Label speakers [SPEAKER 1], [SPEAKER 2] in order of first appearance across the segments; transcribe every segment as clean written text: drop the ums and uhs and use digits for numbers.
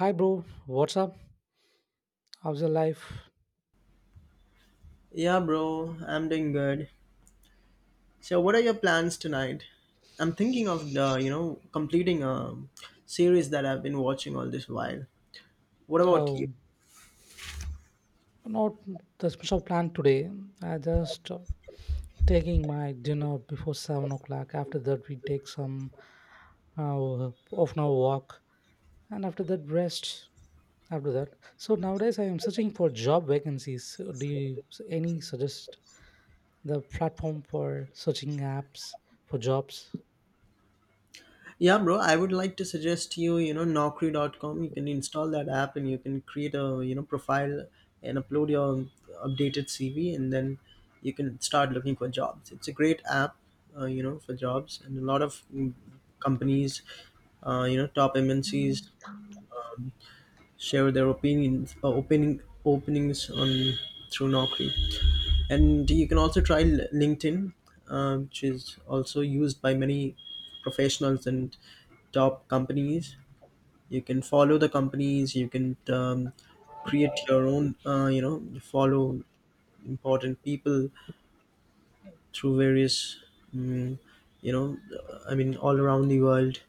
[SPEAKER 1] Hi, bro. What's up? How's your life?
[SPEAKER 2] Yeah, bro, I'm doing good. So, what are your plans tonight? I'm thinking of completing a series that I've been watching all this while. What about you?
[SPEAKER 1] Oh, not the special plan today. I just taking my dinner before 7 o'clock. After that, we take some uh, off an hour walk, and after that, rest. After that, so nowadays I am searching for job vacancies. So, do you any suggest the platform for searching apps for jobs?
[SPEAKER 2] Yeah, bro, I would like to suggest you, Naukri.com. You can install that app and you can create a, profile and upload your updated CV and then you can start looking for jobs. It's a great app, for jobs and a lot of companies, top MNCs share their opinions, openings on through Naukri. And you can also try LinkedIn, which is also used by many professionals and top companies. You can follow the companies. You can create your own. Follow important people through various. Um, you know, I mean, all around the world.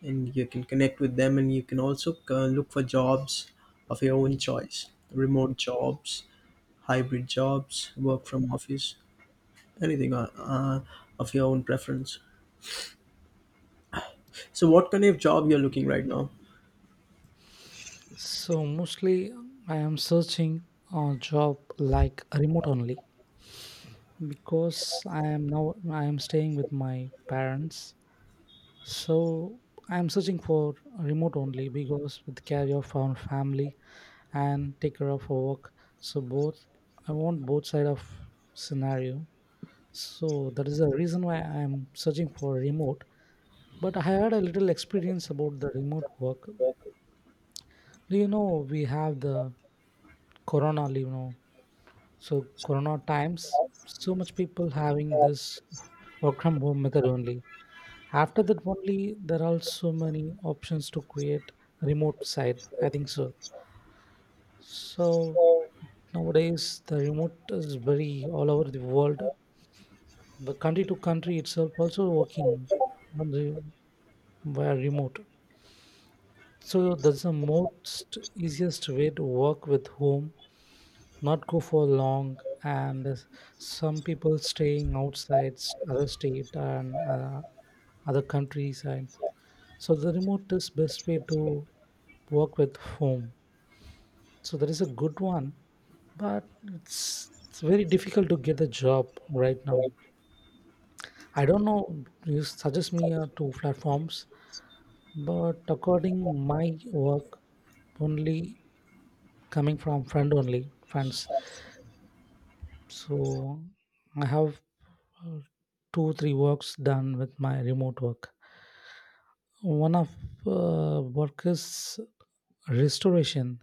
[SPEAKER 2] And you can connect with them and you can also look for jobs of your own choice, remote jobs, hybrid jobs, work from office, anything, of your own preference. So what kind of job you're looking right now?
[SPEAKER 1] So mostly I am searching a job like remote only because I am now I am staying with my parents, so I am searching for remote only because with care of our family and take care of our work. So both I want both side of scenario. So that is the reason why I am searching for remote. But I had a little experience about the remote work. Do you know we have the corona leave now, so corona times so much people having this work from home method only. After that only there are so many options to create remote site. I think so. So nowadays the remote is very all over the world. The country to country itself also working on the via remote. So that's the most easiest way to work with whom, not go for long. And some people staying outside other state and other countryside. So the remote is best way to work with whom. So that is a good one, but it's very difficult to get a job right now. I don't know. You suggest me two platforms, but according my work, only coming from friend only friends. So I have uh, two three works done with my remote work. One of work is restoration.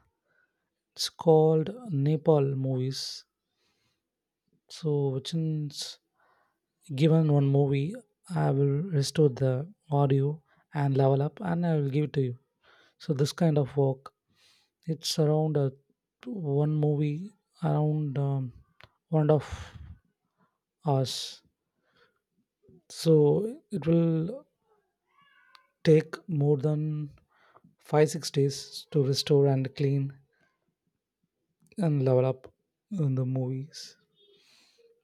[SPEAKER 1] It's called Nepal movies, so which means given one movie, I will restore the audio and level up and I will give it to you. So this kind of work, it's around one movie, around 1.5 hours. So it will take more than five six days to restore and clean and level up in the movies.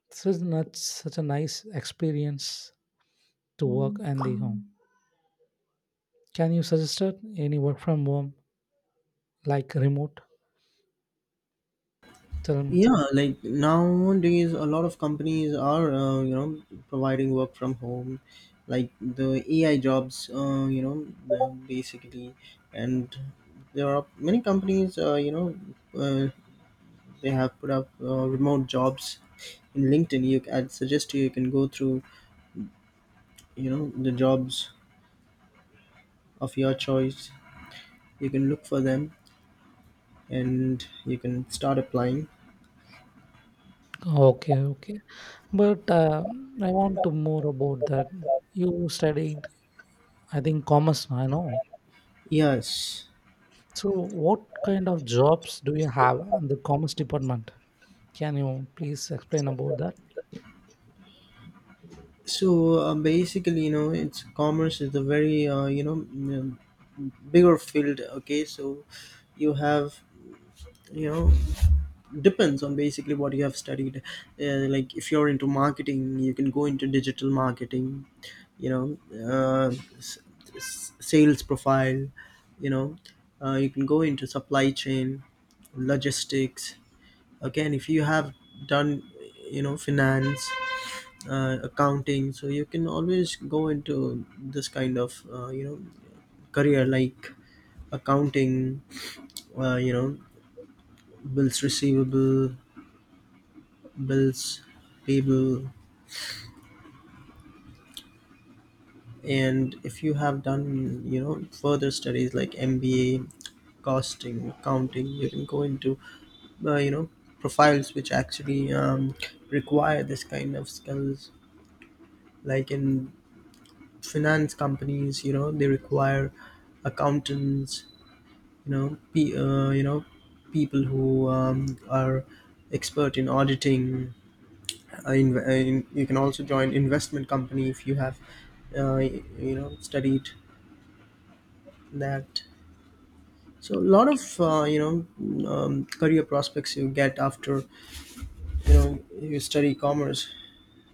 [SPEAKER 1] So it's not such a nice experience to work and the home. Can you suggest it? Any work from home like remote? Tell me.
[SPEAKER 2] Yeah, like nowadays a lot of companies are, providing work from home, like the AI jobs, basically. And there are many companies, uh, they have put up remote jobs in LinkedIn. You I'd suggest you, you can go through, you know, the jobs of your choice. You can look for them and you can start applying.
[SPEAKER 1] Okay, okay. But I want to more about that. You studied, I think, commerce. I know.
[SPEAKER 2] Yes.
[SPEAKER 1] So, what kind of jobs do you have in the commerce department? Can you please explain about that?
[SPEAKER 2] So basically, you know, it's commerce is a very, bigger field. Okay. So you have, you know, depends on basically what you have studied. Like if you're into marketing, you can go into digital marketing, you know, uh, s- sales profile, you know. You can go into supply chain, logistics. Again, if you have done, you know, finance, accounting, so you can always go into this kind of, career, like accounting, uh, you know bills receivable, bills payable. And if you have done, you know, further studies like MBA, costing accounting, you can go into, uh, you know profiles which actually require this kind of skills, like in finance companies, you know, they require accountants, you know, people who are expert in auditing, you can also join investment company if you have, studied that. So a lot of, career prospects you get after, you know, you study commerce.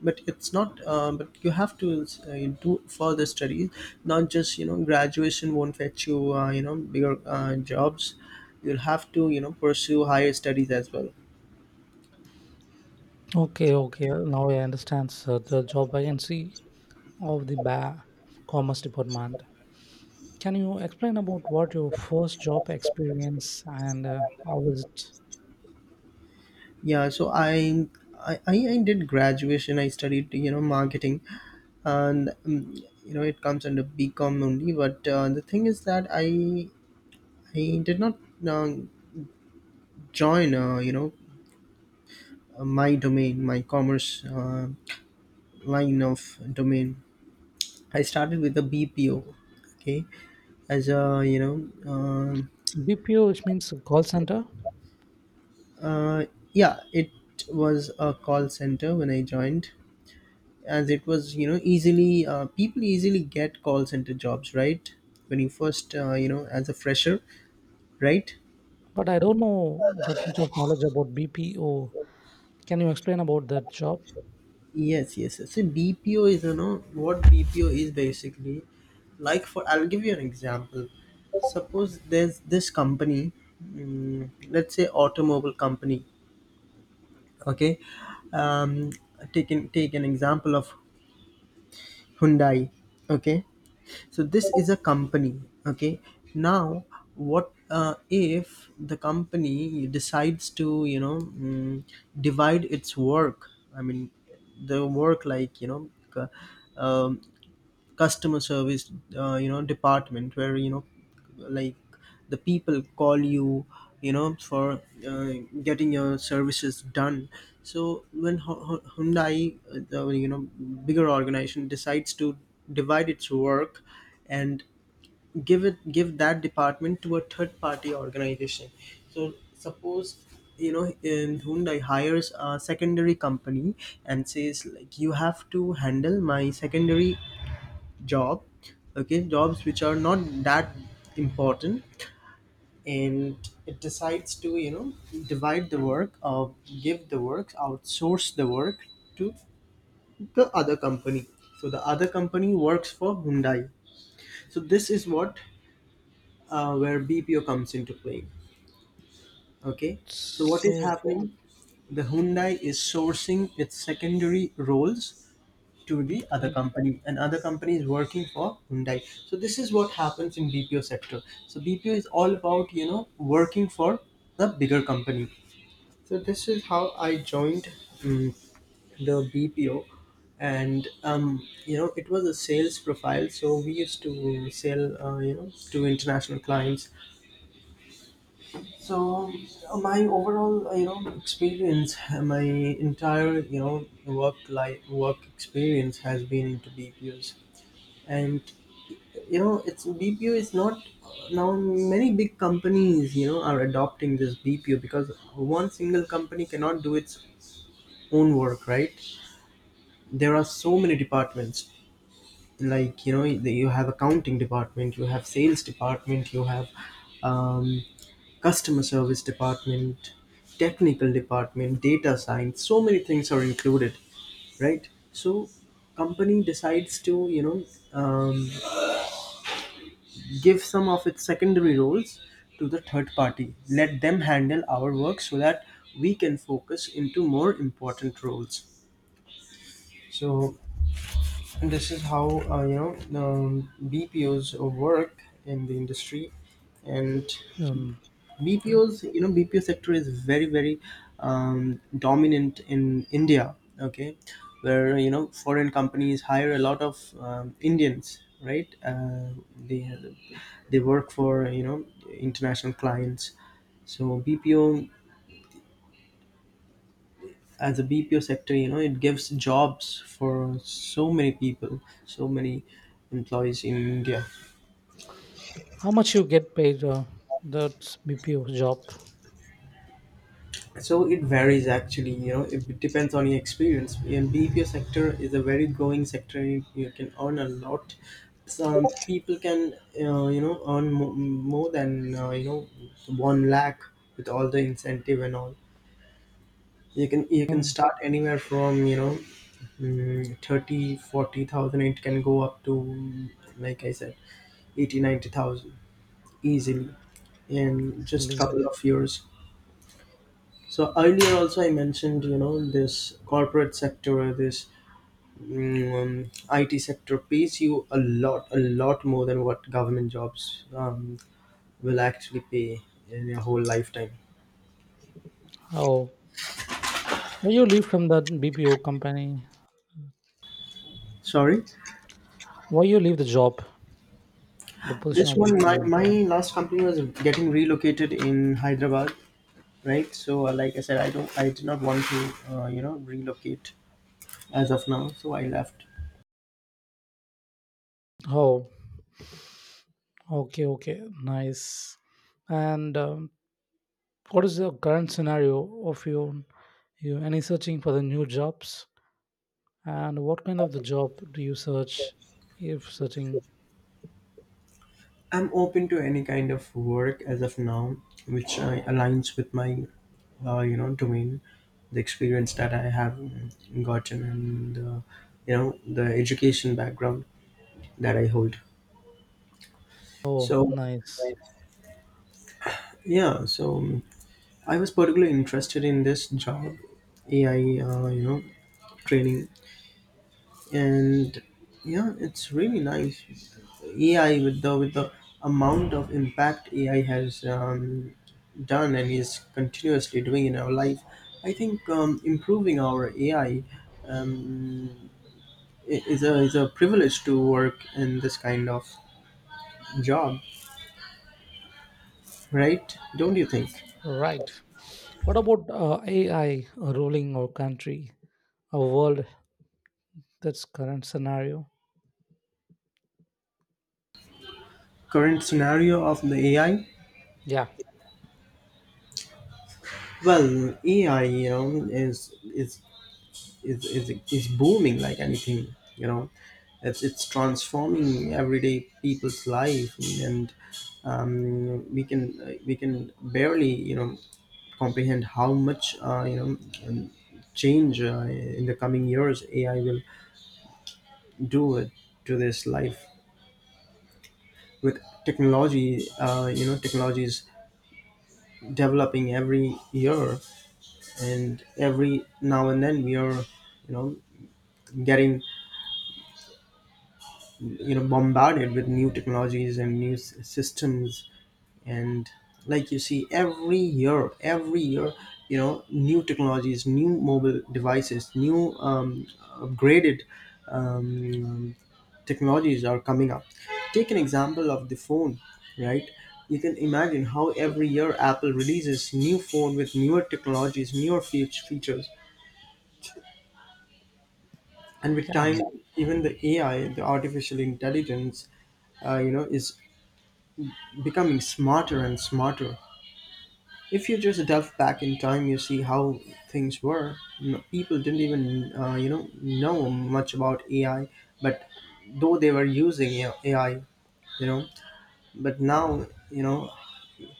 [SPEAKER 2] But it's not, but you have to do further studies, not just, you know, graduation won't fetch you, you know bigger jobs. You'll have to, you know, pursue higher studies as well.
[SPEAKER 1] Okay, okay. Now I understand, sir. The job vacancy of the Commerce Department. Can you explain about what your first job experience and how was it?
[SPEAKER 2] Yeah, so I did graduation. I studied, you know, marketing, and you know it comes under BCom only. But the thing is that I did not uh, join, my domain, my commerce, line of domain. I started with a BPO, okay, as a, you know,
[SPEAKER 1] BPO, which means call center,
[SPEAKER 2] uh, yeah, it was a call center when I joined, as it was, you know, easily, people easily get call center jobs, right, when you first, as a fresher, right.
[SPEAKER 1] but I don't know that much of knowledge about BPO. Can you explain about that job?
[SPEAKER 2] Yes, yes, yes. So BPO is, you know, what BPO is basically, like, for I'll give you an example. Suppose there's this company, let's say automobile company. Okay. um take an example of Hyundai. Okay. So this is a company. Okay. Now what if the company decides to, you know, divide its work, I mean, the work, like, you know, c- um, customer service, department where, you know, like the people call you, you know, for uh, getting your services done. So when Hyundai, the, you know bigger organization decides to divide its work and give that department to a third party organization. So suppose, you know, in Hyundai hires a secondary company and says, like, you have to handle my secondary job. Okay, jobs which are not that important. And it decides to, you know, divide the work, give the work, outsource the work to the other company. So the other company works for Hyundai. So this is what, where BPO comes into play. Okay. So what is
[SPEAKER 1] So,
[SPEAKER 2] happening, the Hyundai is sourcing its secondary roles to the other
[SPEAKER 1] okay.
[SPEAKER 2] company and other company is working for Hyundai. So this is what happens in BPO sector. So BPO is all about, you know, working for the bigger company. So this is how I joined um, the BPO. And you know, it was a sales profile, so we used to sell, to international clients. So my overall, experience, my entire, you know, work experience has been into BPOs. And, you know, it's BPO is not. Now many big companies, you know, are adopting this BPO because one single company cannot do its own work, right. There are so many departments, like, you know, you have accounting department, you have sales department, you have um, customer service department, technical department, data science, so many things are included, right. So company decides to, you know, um, give some of its secondary roles to the third party, let them handle our work so that we can focus into more important roles. So this is how, BPOs work in the industry. And
[SPEAKER 1] um,
[SPEAKER 2] BPOs, you know, BPO sector is very very dominant in India. Okay. Where, you know, foreign companies hire a lot of Indians, right. They work for, you know, international clients. So BPO, as a BPO sector, you know, it gives jobs for so many people, so many employees in India.
[SPEAKER 1] how much you get paid? That's BPO job.
[SPEAKER 2] So it varies actually, you know. It depends on your experience, and BPO sector is a very growing sector, you can earn a lot. Some people can, you know, earn more than, you know, 1 lakh with all the incentive and all. You can you can
[SPEAKER 1] Oh,
[SPEAKER 2] start anywhere from, you know, 30, 40,000. It can go up to like I said, 80, 90,000 easily in just
[SPEAKER 1] silly.
[SPEAKER 2] couple of years. So earlier also I mentioned, you know, this corporate sector or this, IT sector pays you a lot, a lot more than what government jobs will actually pay in your whole lifetime.
[SPEAKER 1] Oh, why you leave from that BPO company?
[SPEAKER 2] Sorry.
[SPEAKER 1] Why you leave the job, the position
[SPEAKER 2] This
[SPEAKER 1] of
[SPEAKER 2] one, my,
[SPEAKER 1] BPO?
[SPEAKER 2] last company was getting relocated in Hyderabad, right? So, like I said, I don't, I did not want to, relocate as of now. So I left.
[SPEAKER 1] Oh, okay, okay, nice. And what is the current scenario of you? You any searching for the new jobs? And what kind of the job do you search if searching?
[SPEAKER 2] I'm open to any kind of work as of now, which, aligns with my, domain, the experience that I have gotten, and, the education background that I hold.
[SPEAKER 1] Oh,
[SPEAKER 2] So,
[SPEAKER 1] nice.
[SPEAKER 2] yeah. So I was particularly interested in this job, AI, uh, you know, training. And yeah, it's really nice, AI, with the amount of impact AI has done and is continuously doing in our life. I think improving our AI, um, is a privilege to work in this kind of job, right? Don't you think?
[SPEAKER 1] Right. What about AI ruling our country, our world? That's current scenario.
[SPEAKER 2] Current scenario of the AI.
[SPEAKER 1] Yeah,
[SPEAKER 2] Well, AI, you know, is booming like anything, you know. It's transforming everyday people's life. And we can barely, you know, comprehend how much, um, change in the coming years AI will do it to this life. With technology, technology is developing every year. And every now and then, we are, you know, getting, you know, bombarded with new technologies and systems. And like you see every year, every year, you know, new technologies, new mobile devices, new um, upgraded um, technologies are coming up. Take an example of the phone, right? You can imagine how every year Apple releases new phone with newer technologies, features. And with
[SPEAKER 1] yeah,
[SPEAKER 2] time, even the AI, the artificial intelligence, is becoming smarter and smarter. If you just delve back in time, you see how things were. No, people didn't even, know much about AI, but though they were using, you know, AI, you know, but now, you know,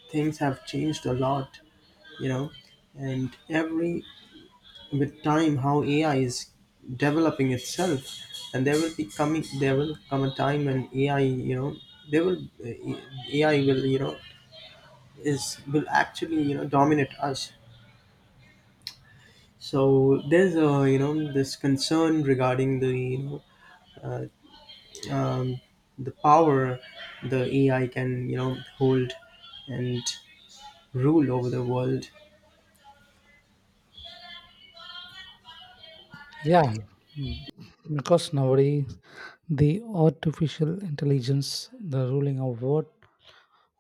[SPEAKER 2] things have changed a lot, you know. And every, with time, how AI is developing itself. And there will be coming, there will come a time when AI, you know, they will, AI will, you know, is will actually, you know, dominate us. So there's a, you know, this concern regarding the, you know, uh, um, the power the AI can, you know, hold and rule over the world.
[SPEAKER 1] yeah. Mm, Because nowadays the artificial intelligence, the ruling of what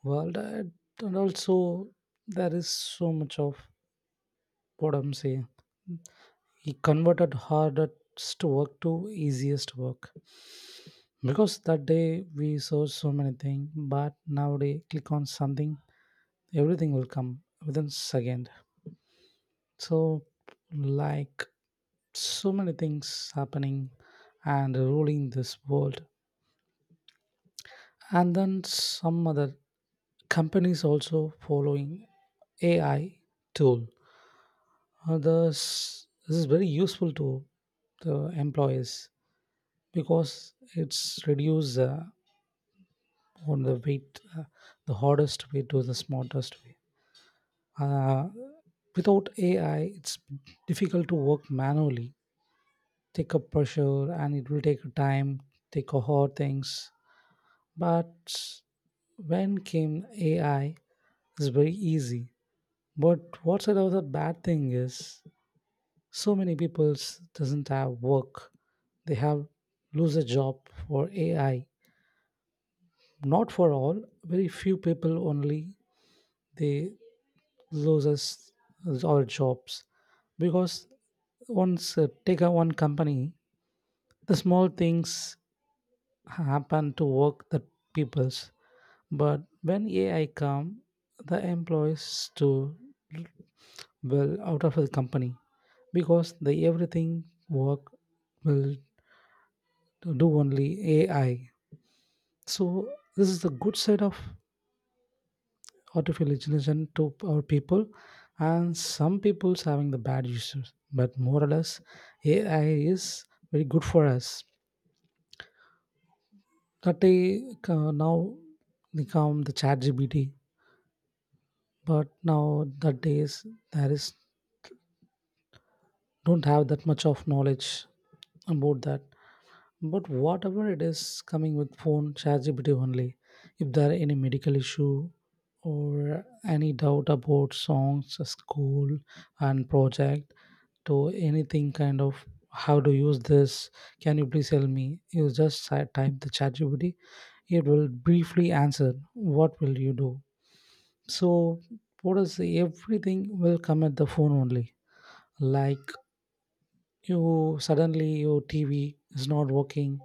[SPEAKER 1] world, and also there is so much of what I'm saying. He converted hardest work to easiest work because that day we saw so many things, but nowadays click on something, everything will come within second. So like so many things happening and ruling this world, and then some other companies also following AI tool. This is very useful to the employees because it's reduce on the weight, the hardest way to the smartest way. Uh, Without AI, it's difficult to work manually, take up pressure, and it will take time, take a hard things. But when came AI, it's very easy. But what's another bad thing is so many people doesn't have work. They have lose a job for AI. Not for all, very few people only they lose us all jobs because once take a one company, the small things happen to work the peoples. But when AI come, the employees to well out of the company because the everything work will do only AI. So this is the good side of artificial intelligence to our people, and some people's having the bad uses. But more or less, AI is very good for us. That they now become the chat GBT, but now that days there is don't have that much of knowledge about that. But whatever it is coming with phone, ChatGPT only. If there are any medical issue or any doubt about songs, school and project, to anything kind of how to use this, can you please tell me? You just type the ChatGPT. It will briefly answer. What will you do? So, what is everything will come at the phone only. Like you suddenly your TV is not working,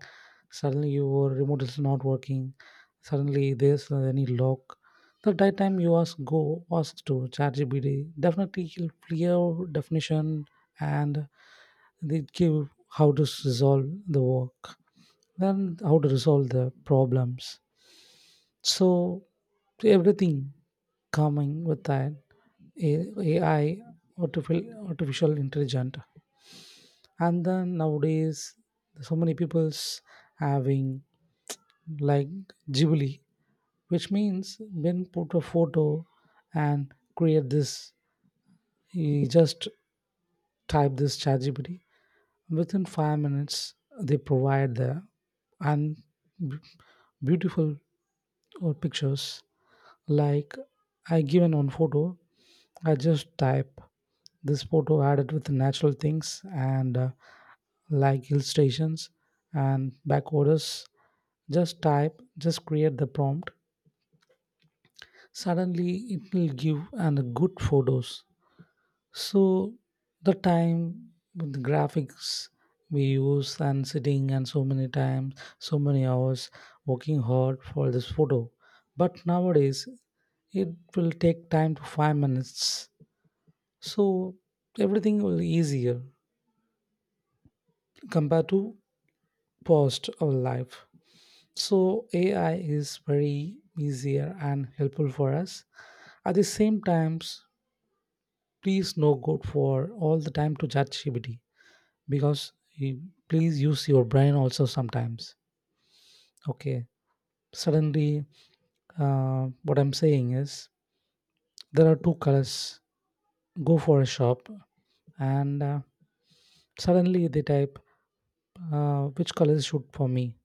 [SPEAKER 1] suddenly your remote is not working, suddenly there's no any lock. The that time you ask go ask to ChatGPT, definitely he'll clear definition and they give how to resolve the work, then how to resolve the problems. So everything coming with that AI, artificial intelligent, and then nowadays, so many people's having like Ghibli, which means when put a photo and create this, you just type this chat GPT. Within 5 minutes, they provide the and b- beautiful or pictures. Like I given one photo, I just type this photo added with natural things and like hill stations and back orders. Just type, just create the prompt. Suddenly, it will give and good photos. So the time, with the graphics we use and sitting and so many times, so many hours working hard for this photo. But nowadays, it will take time to 5 minutes. So everything will easier compared to post our life. So AI is very easier and helpful for us. At the same times, please no good for all the time to chat GPT because please use your brain also sometimes. Okay. Suddenly, what I'm saying is there are two colors. Go for a shop and suddenly they type which color is shoot for me.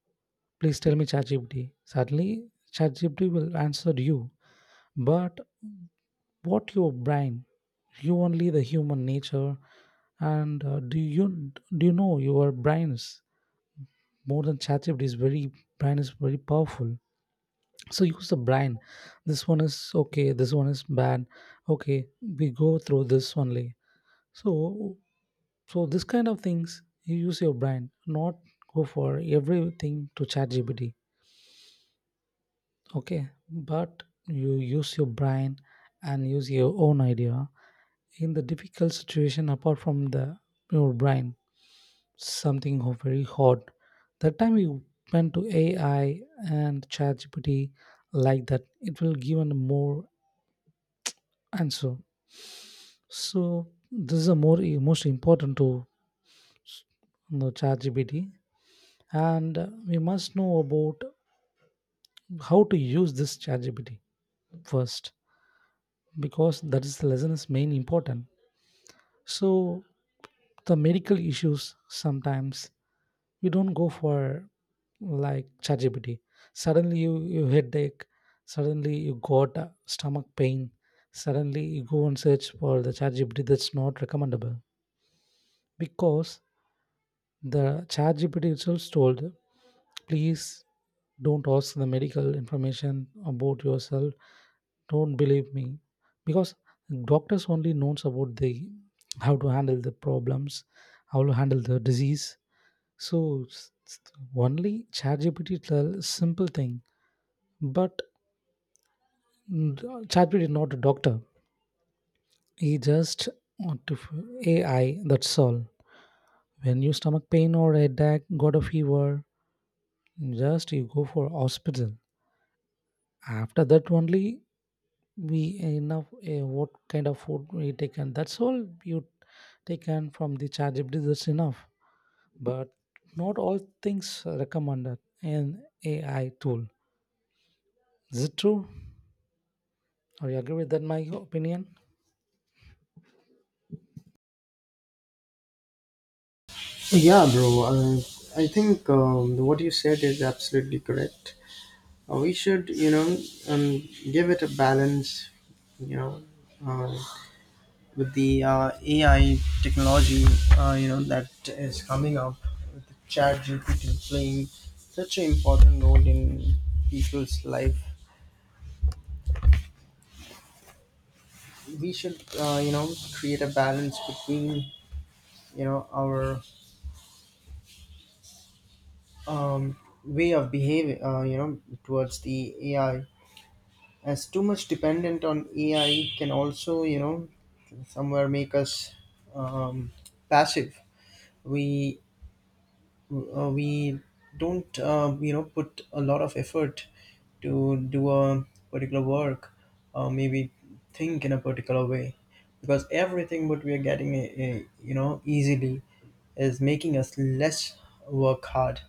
[SPEAKER 1] Please tell me ChatGPT. Suddenly, ChatGPT will answer you, but what your brain you only the human nature, and do you know your brain is more than ChatGPT is very brain is very powerful. So use the brain, this one is okay, this one is bad, okay, we go through this only. So so this kind of things you use your brain, not go for everything to ChatGPT, okay, but you use your brain and use your own idea in the difficult situation apart from the your brain. Something very hard, that time you went to AI and ChatGPT, like that it will give an more answer. So this is a more most important to, you know, ChatGPT, and we must know about how to use this ChatGPT first because that is the lesson is main important. So the medical issues sometimes you don't go for like ChatGPT. Suddenly you headache, suddenly you got a stomach pain, suddenly you go and search for the ChatGPT. That's not recommendable because the ChatGPT itself told, please don't ask the medical information about yourself. Don't believe me because doctors only knows about the how to handle the problems, how to handle the disease. So only ChatGPT tell simple thing, but ChatGPT is not a doctor. He just want to AI. That's all. When you stomach pain or headache, got a fever, just you go for hospital. After that only we enough what kind of food we taken. That's all you taken from the ChatGPT. That's enough. But not all things recommended in AI tool. Is it true? I agree with that, my opinion.
[SPEAKER 2] Yeah, bro, I think what you said is absolutely correct. We should, you know, um, give it a balance, you know, uh, with the, AI technology, you know, that is coming up, with the ChatGPT playing such an important role in people's life. We should, you know, create a balance between, you know, our um, way of behaving, you know, towards the AI. As too much dependent on AI can also, you know, somewhere make us um, passive. We we don't you know put a lot of effort to do a particular work, or maybe think in a particular way, because everything what we are getting, easily, is making us less work hard.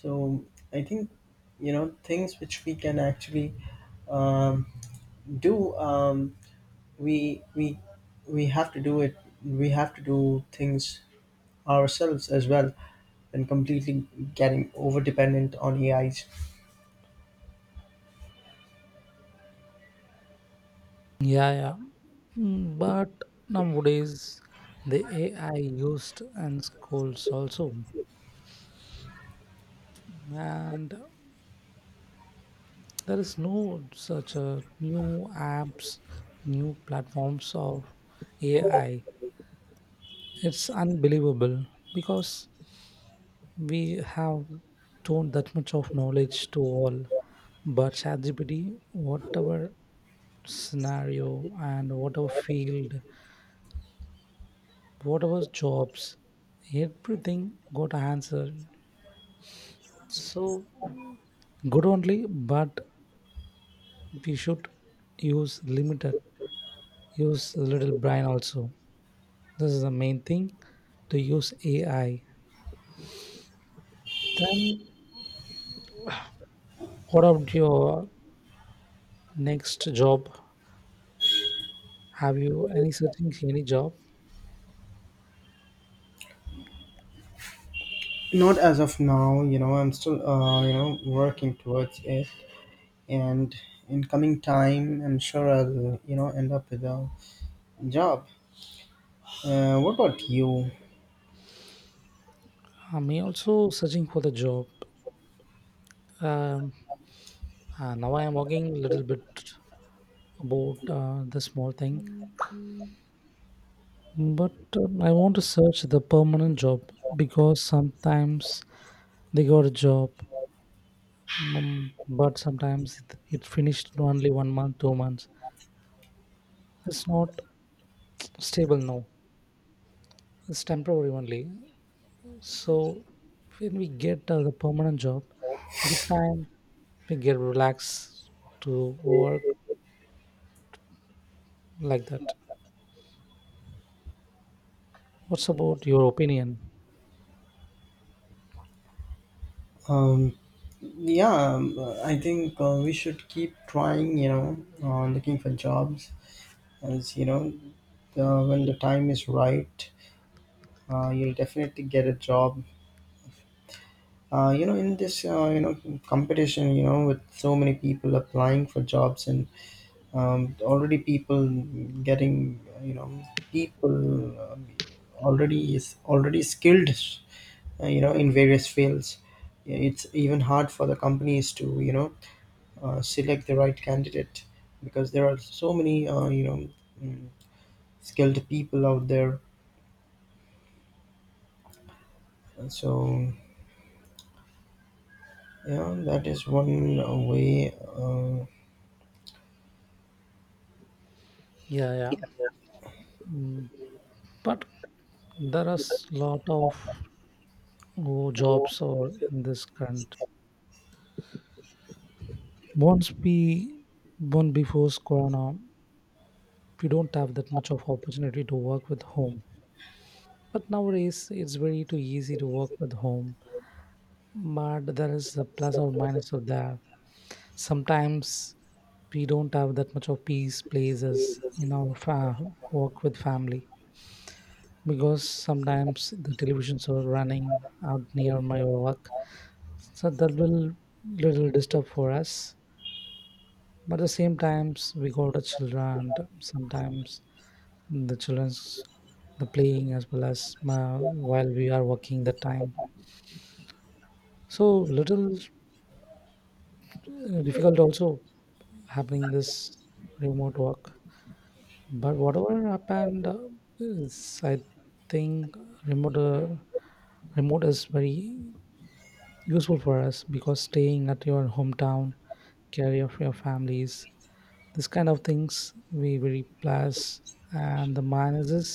[SPEAKER 2] So I think, you know, things which we can actually um, do, we we have to do it. We have to do things ourselves as well than completely getting over dependent on AIs.
[SPEAKER 1] Yeah, yeah. But nowadays, the AI used in schools also, and there is no such a new apps, new platforms of AI. It's unbelievable because we have don't that much of knowledge to all. But ChatGPT, whatever scenario and whatever field whatever jobs, everything got answered. So good only, but we should use limited, use a little brain also. This is the main thing to use AI. Then what about your next job? Have you any searching any job?
[SPEAKER 2] Not as of now, you know, I'm still, working towards it. And in coming time, I'm sure I'll, you know, end up with a job. What about you?
[SPEAKER 1] I'm also searching for the job. Um, Now I am working a little bit about the small thing. But I want to search the permanent job because sometimes they got a job, but sometimes it finished in only one month, 2 months. It's not stable now, it's temporary only. So when we get the permanent job, the time we get relaxed to work like that. What's about your opinion?
[SPEAKER 2] Um, yeah, I think we should keep trying, you know, looking for jobs as, you know, when the time is right, you'll definitely get a job, you know, in this, competition, you know, with so many people applying for jobs. And already people getting, you know, people already is already skilled, you know, in various fields. Yeah, it's even hard for the companies to, you know, select the right candidate because there are so many, mm, skilled people out there. So yeah, that is one way.
[SPEAKER 1] Yeah, yeah. Mm, But there are s lot of oh, jobs or in this current. Once we born before Corona, we don't have that much of opportunity to work with home. But nowadays, it's very too easy to work with home. But there is a plus or minus of that. Sometimes we don't have that much of peace places in our work with family because sometimes the televisions are running out near my work, so that will little disturb for us. But at the same times, we got a children. And sometimes the children's the playing as well as while we are working the time, so little difficult also happening this remote work, but whatever happened is I think remote uh, remote is very useful for us because staying at your hometown, care of your families, this kind of things we very plus, and the minuses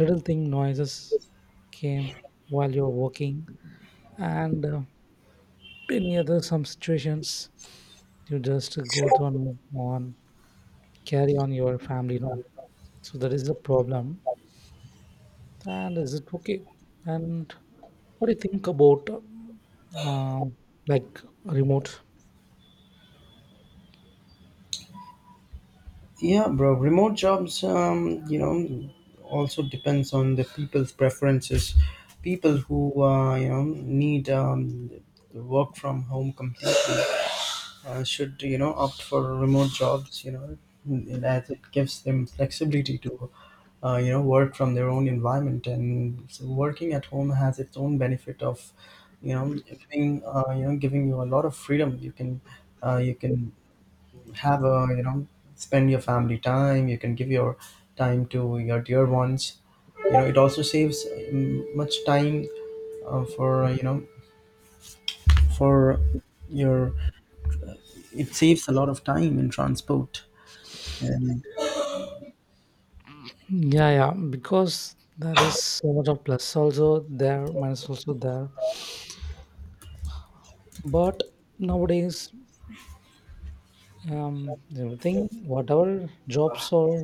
[SPEAKER 1] little thing noises came while you're working, and many other some situations you just go through
[SPEAKER 2] uh,
[SPEAKER 1] and move on, carry on your family, you know, so that is the problem, and is it okay. And what do you think about uh, like remote?
[SPEAKER 2] Yeah, bro. Remote jobs, you know, also depends on the people's preferences. People who, need the work from home completely should, you know, opt for remote jobs, you know. And as it gives them flexibility to, work from their own environment. And so working at home has its own benefit of, you know, giving, giving you a lot of freedom. You can have a, you know, spend your family time. You can give your time to your dear ones, you know. It also saves much time for, for your, it saves a lot of time in transport and,
[SPEAKER 1] Yeah, yeah, because there is so much of plus also there, minus also there. But nowadays, everything whatever jobs are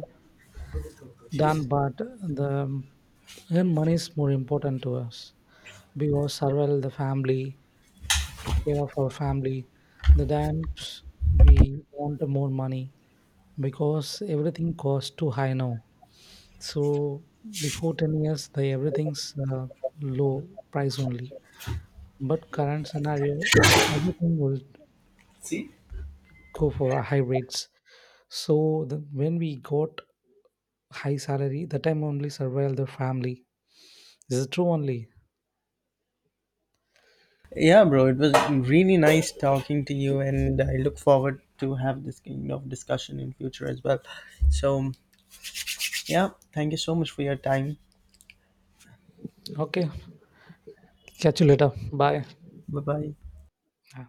[SPEAKER 1] done, but the earn money is more important to us because survival the family, took care of our family, the times we want more money because everything costs too high now. So before 10 years the everything's low price only, but current scenario everything will
[SPEAKER 2] see,
[SPEAKER 1] go for a high rates. So the, when we got high salary the time only survive the family, this is true only.
[SPEAKER 2] yeah, bro, it was really nice talking to you, and I look forward to have this kind of discussion in future as well. So yeah, thank you so much for your time.
[SPEAKER 1] Okay, catch you later, bye.
[SPEAKER 2] Bye bye.
[SPEAKER 1] Yeah.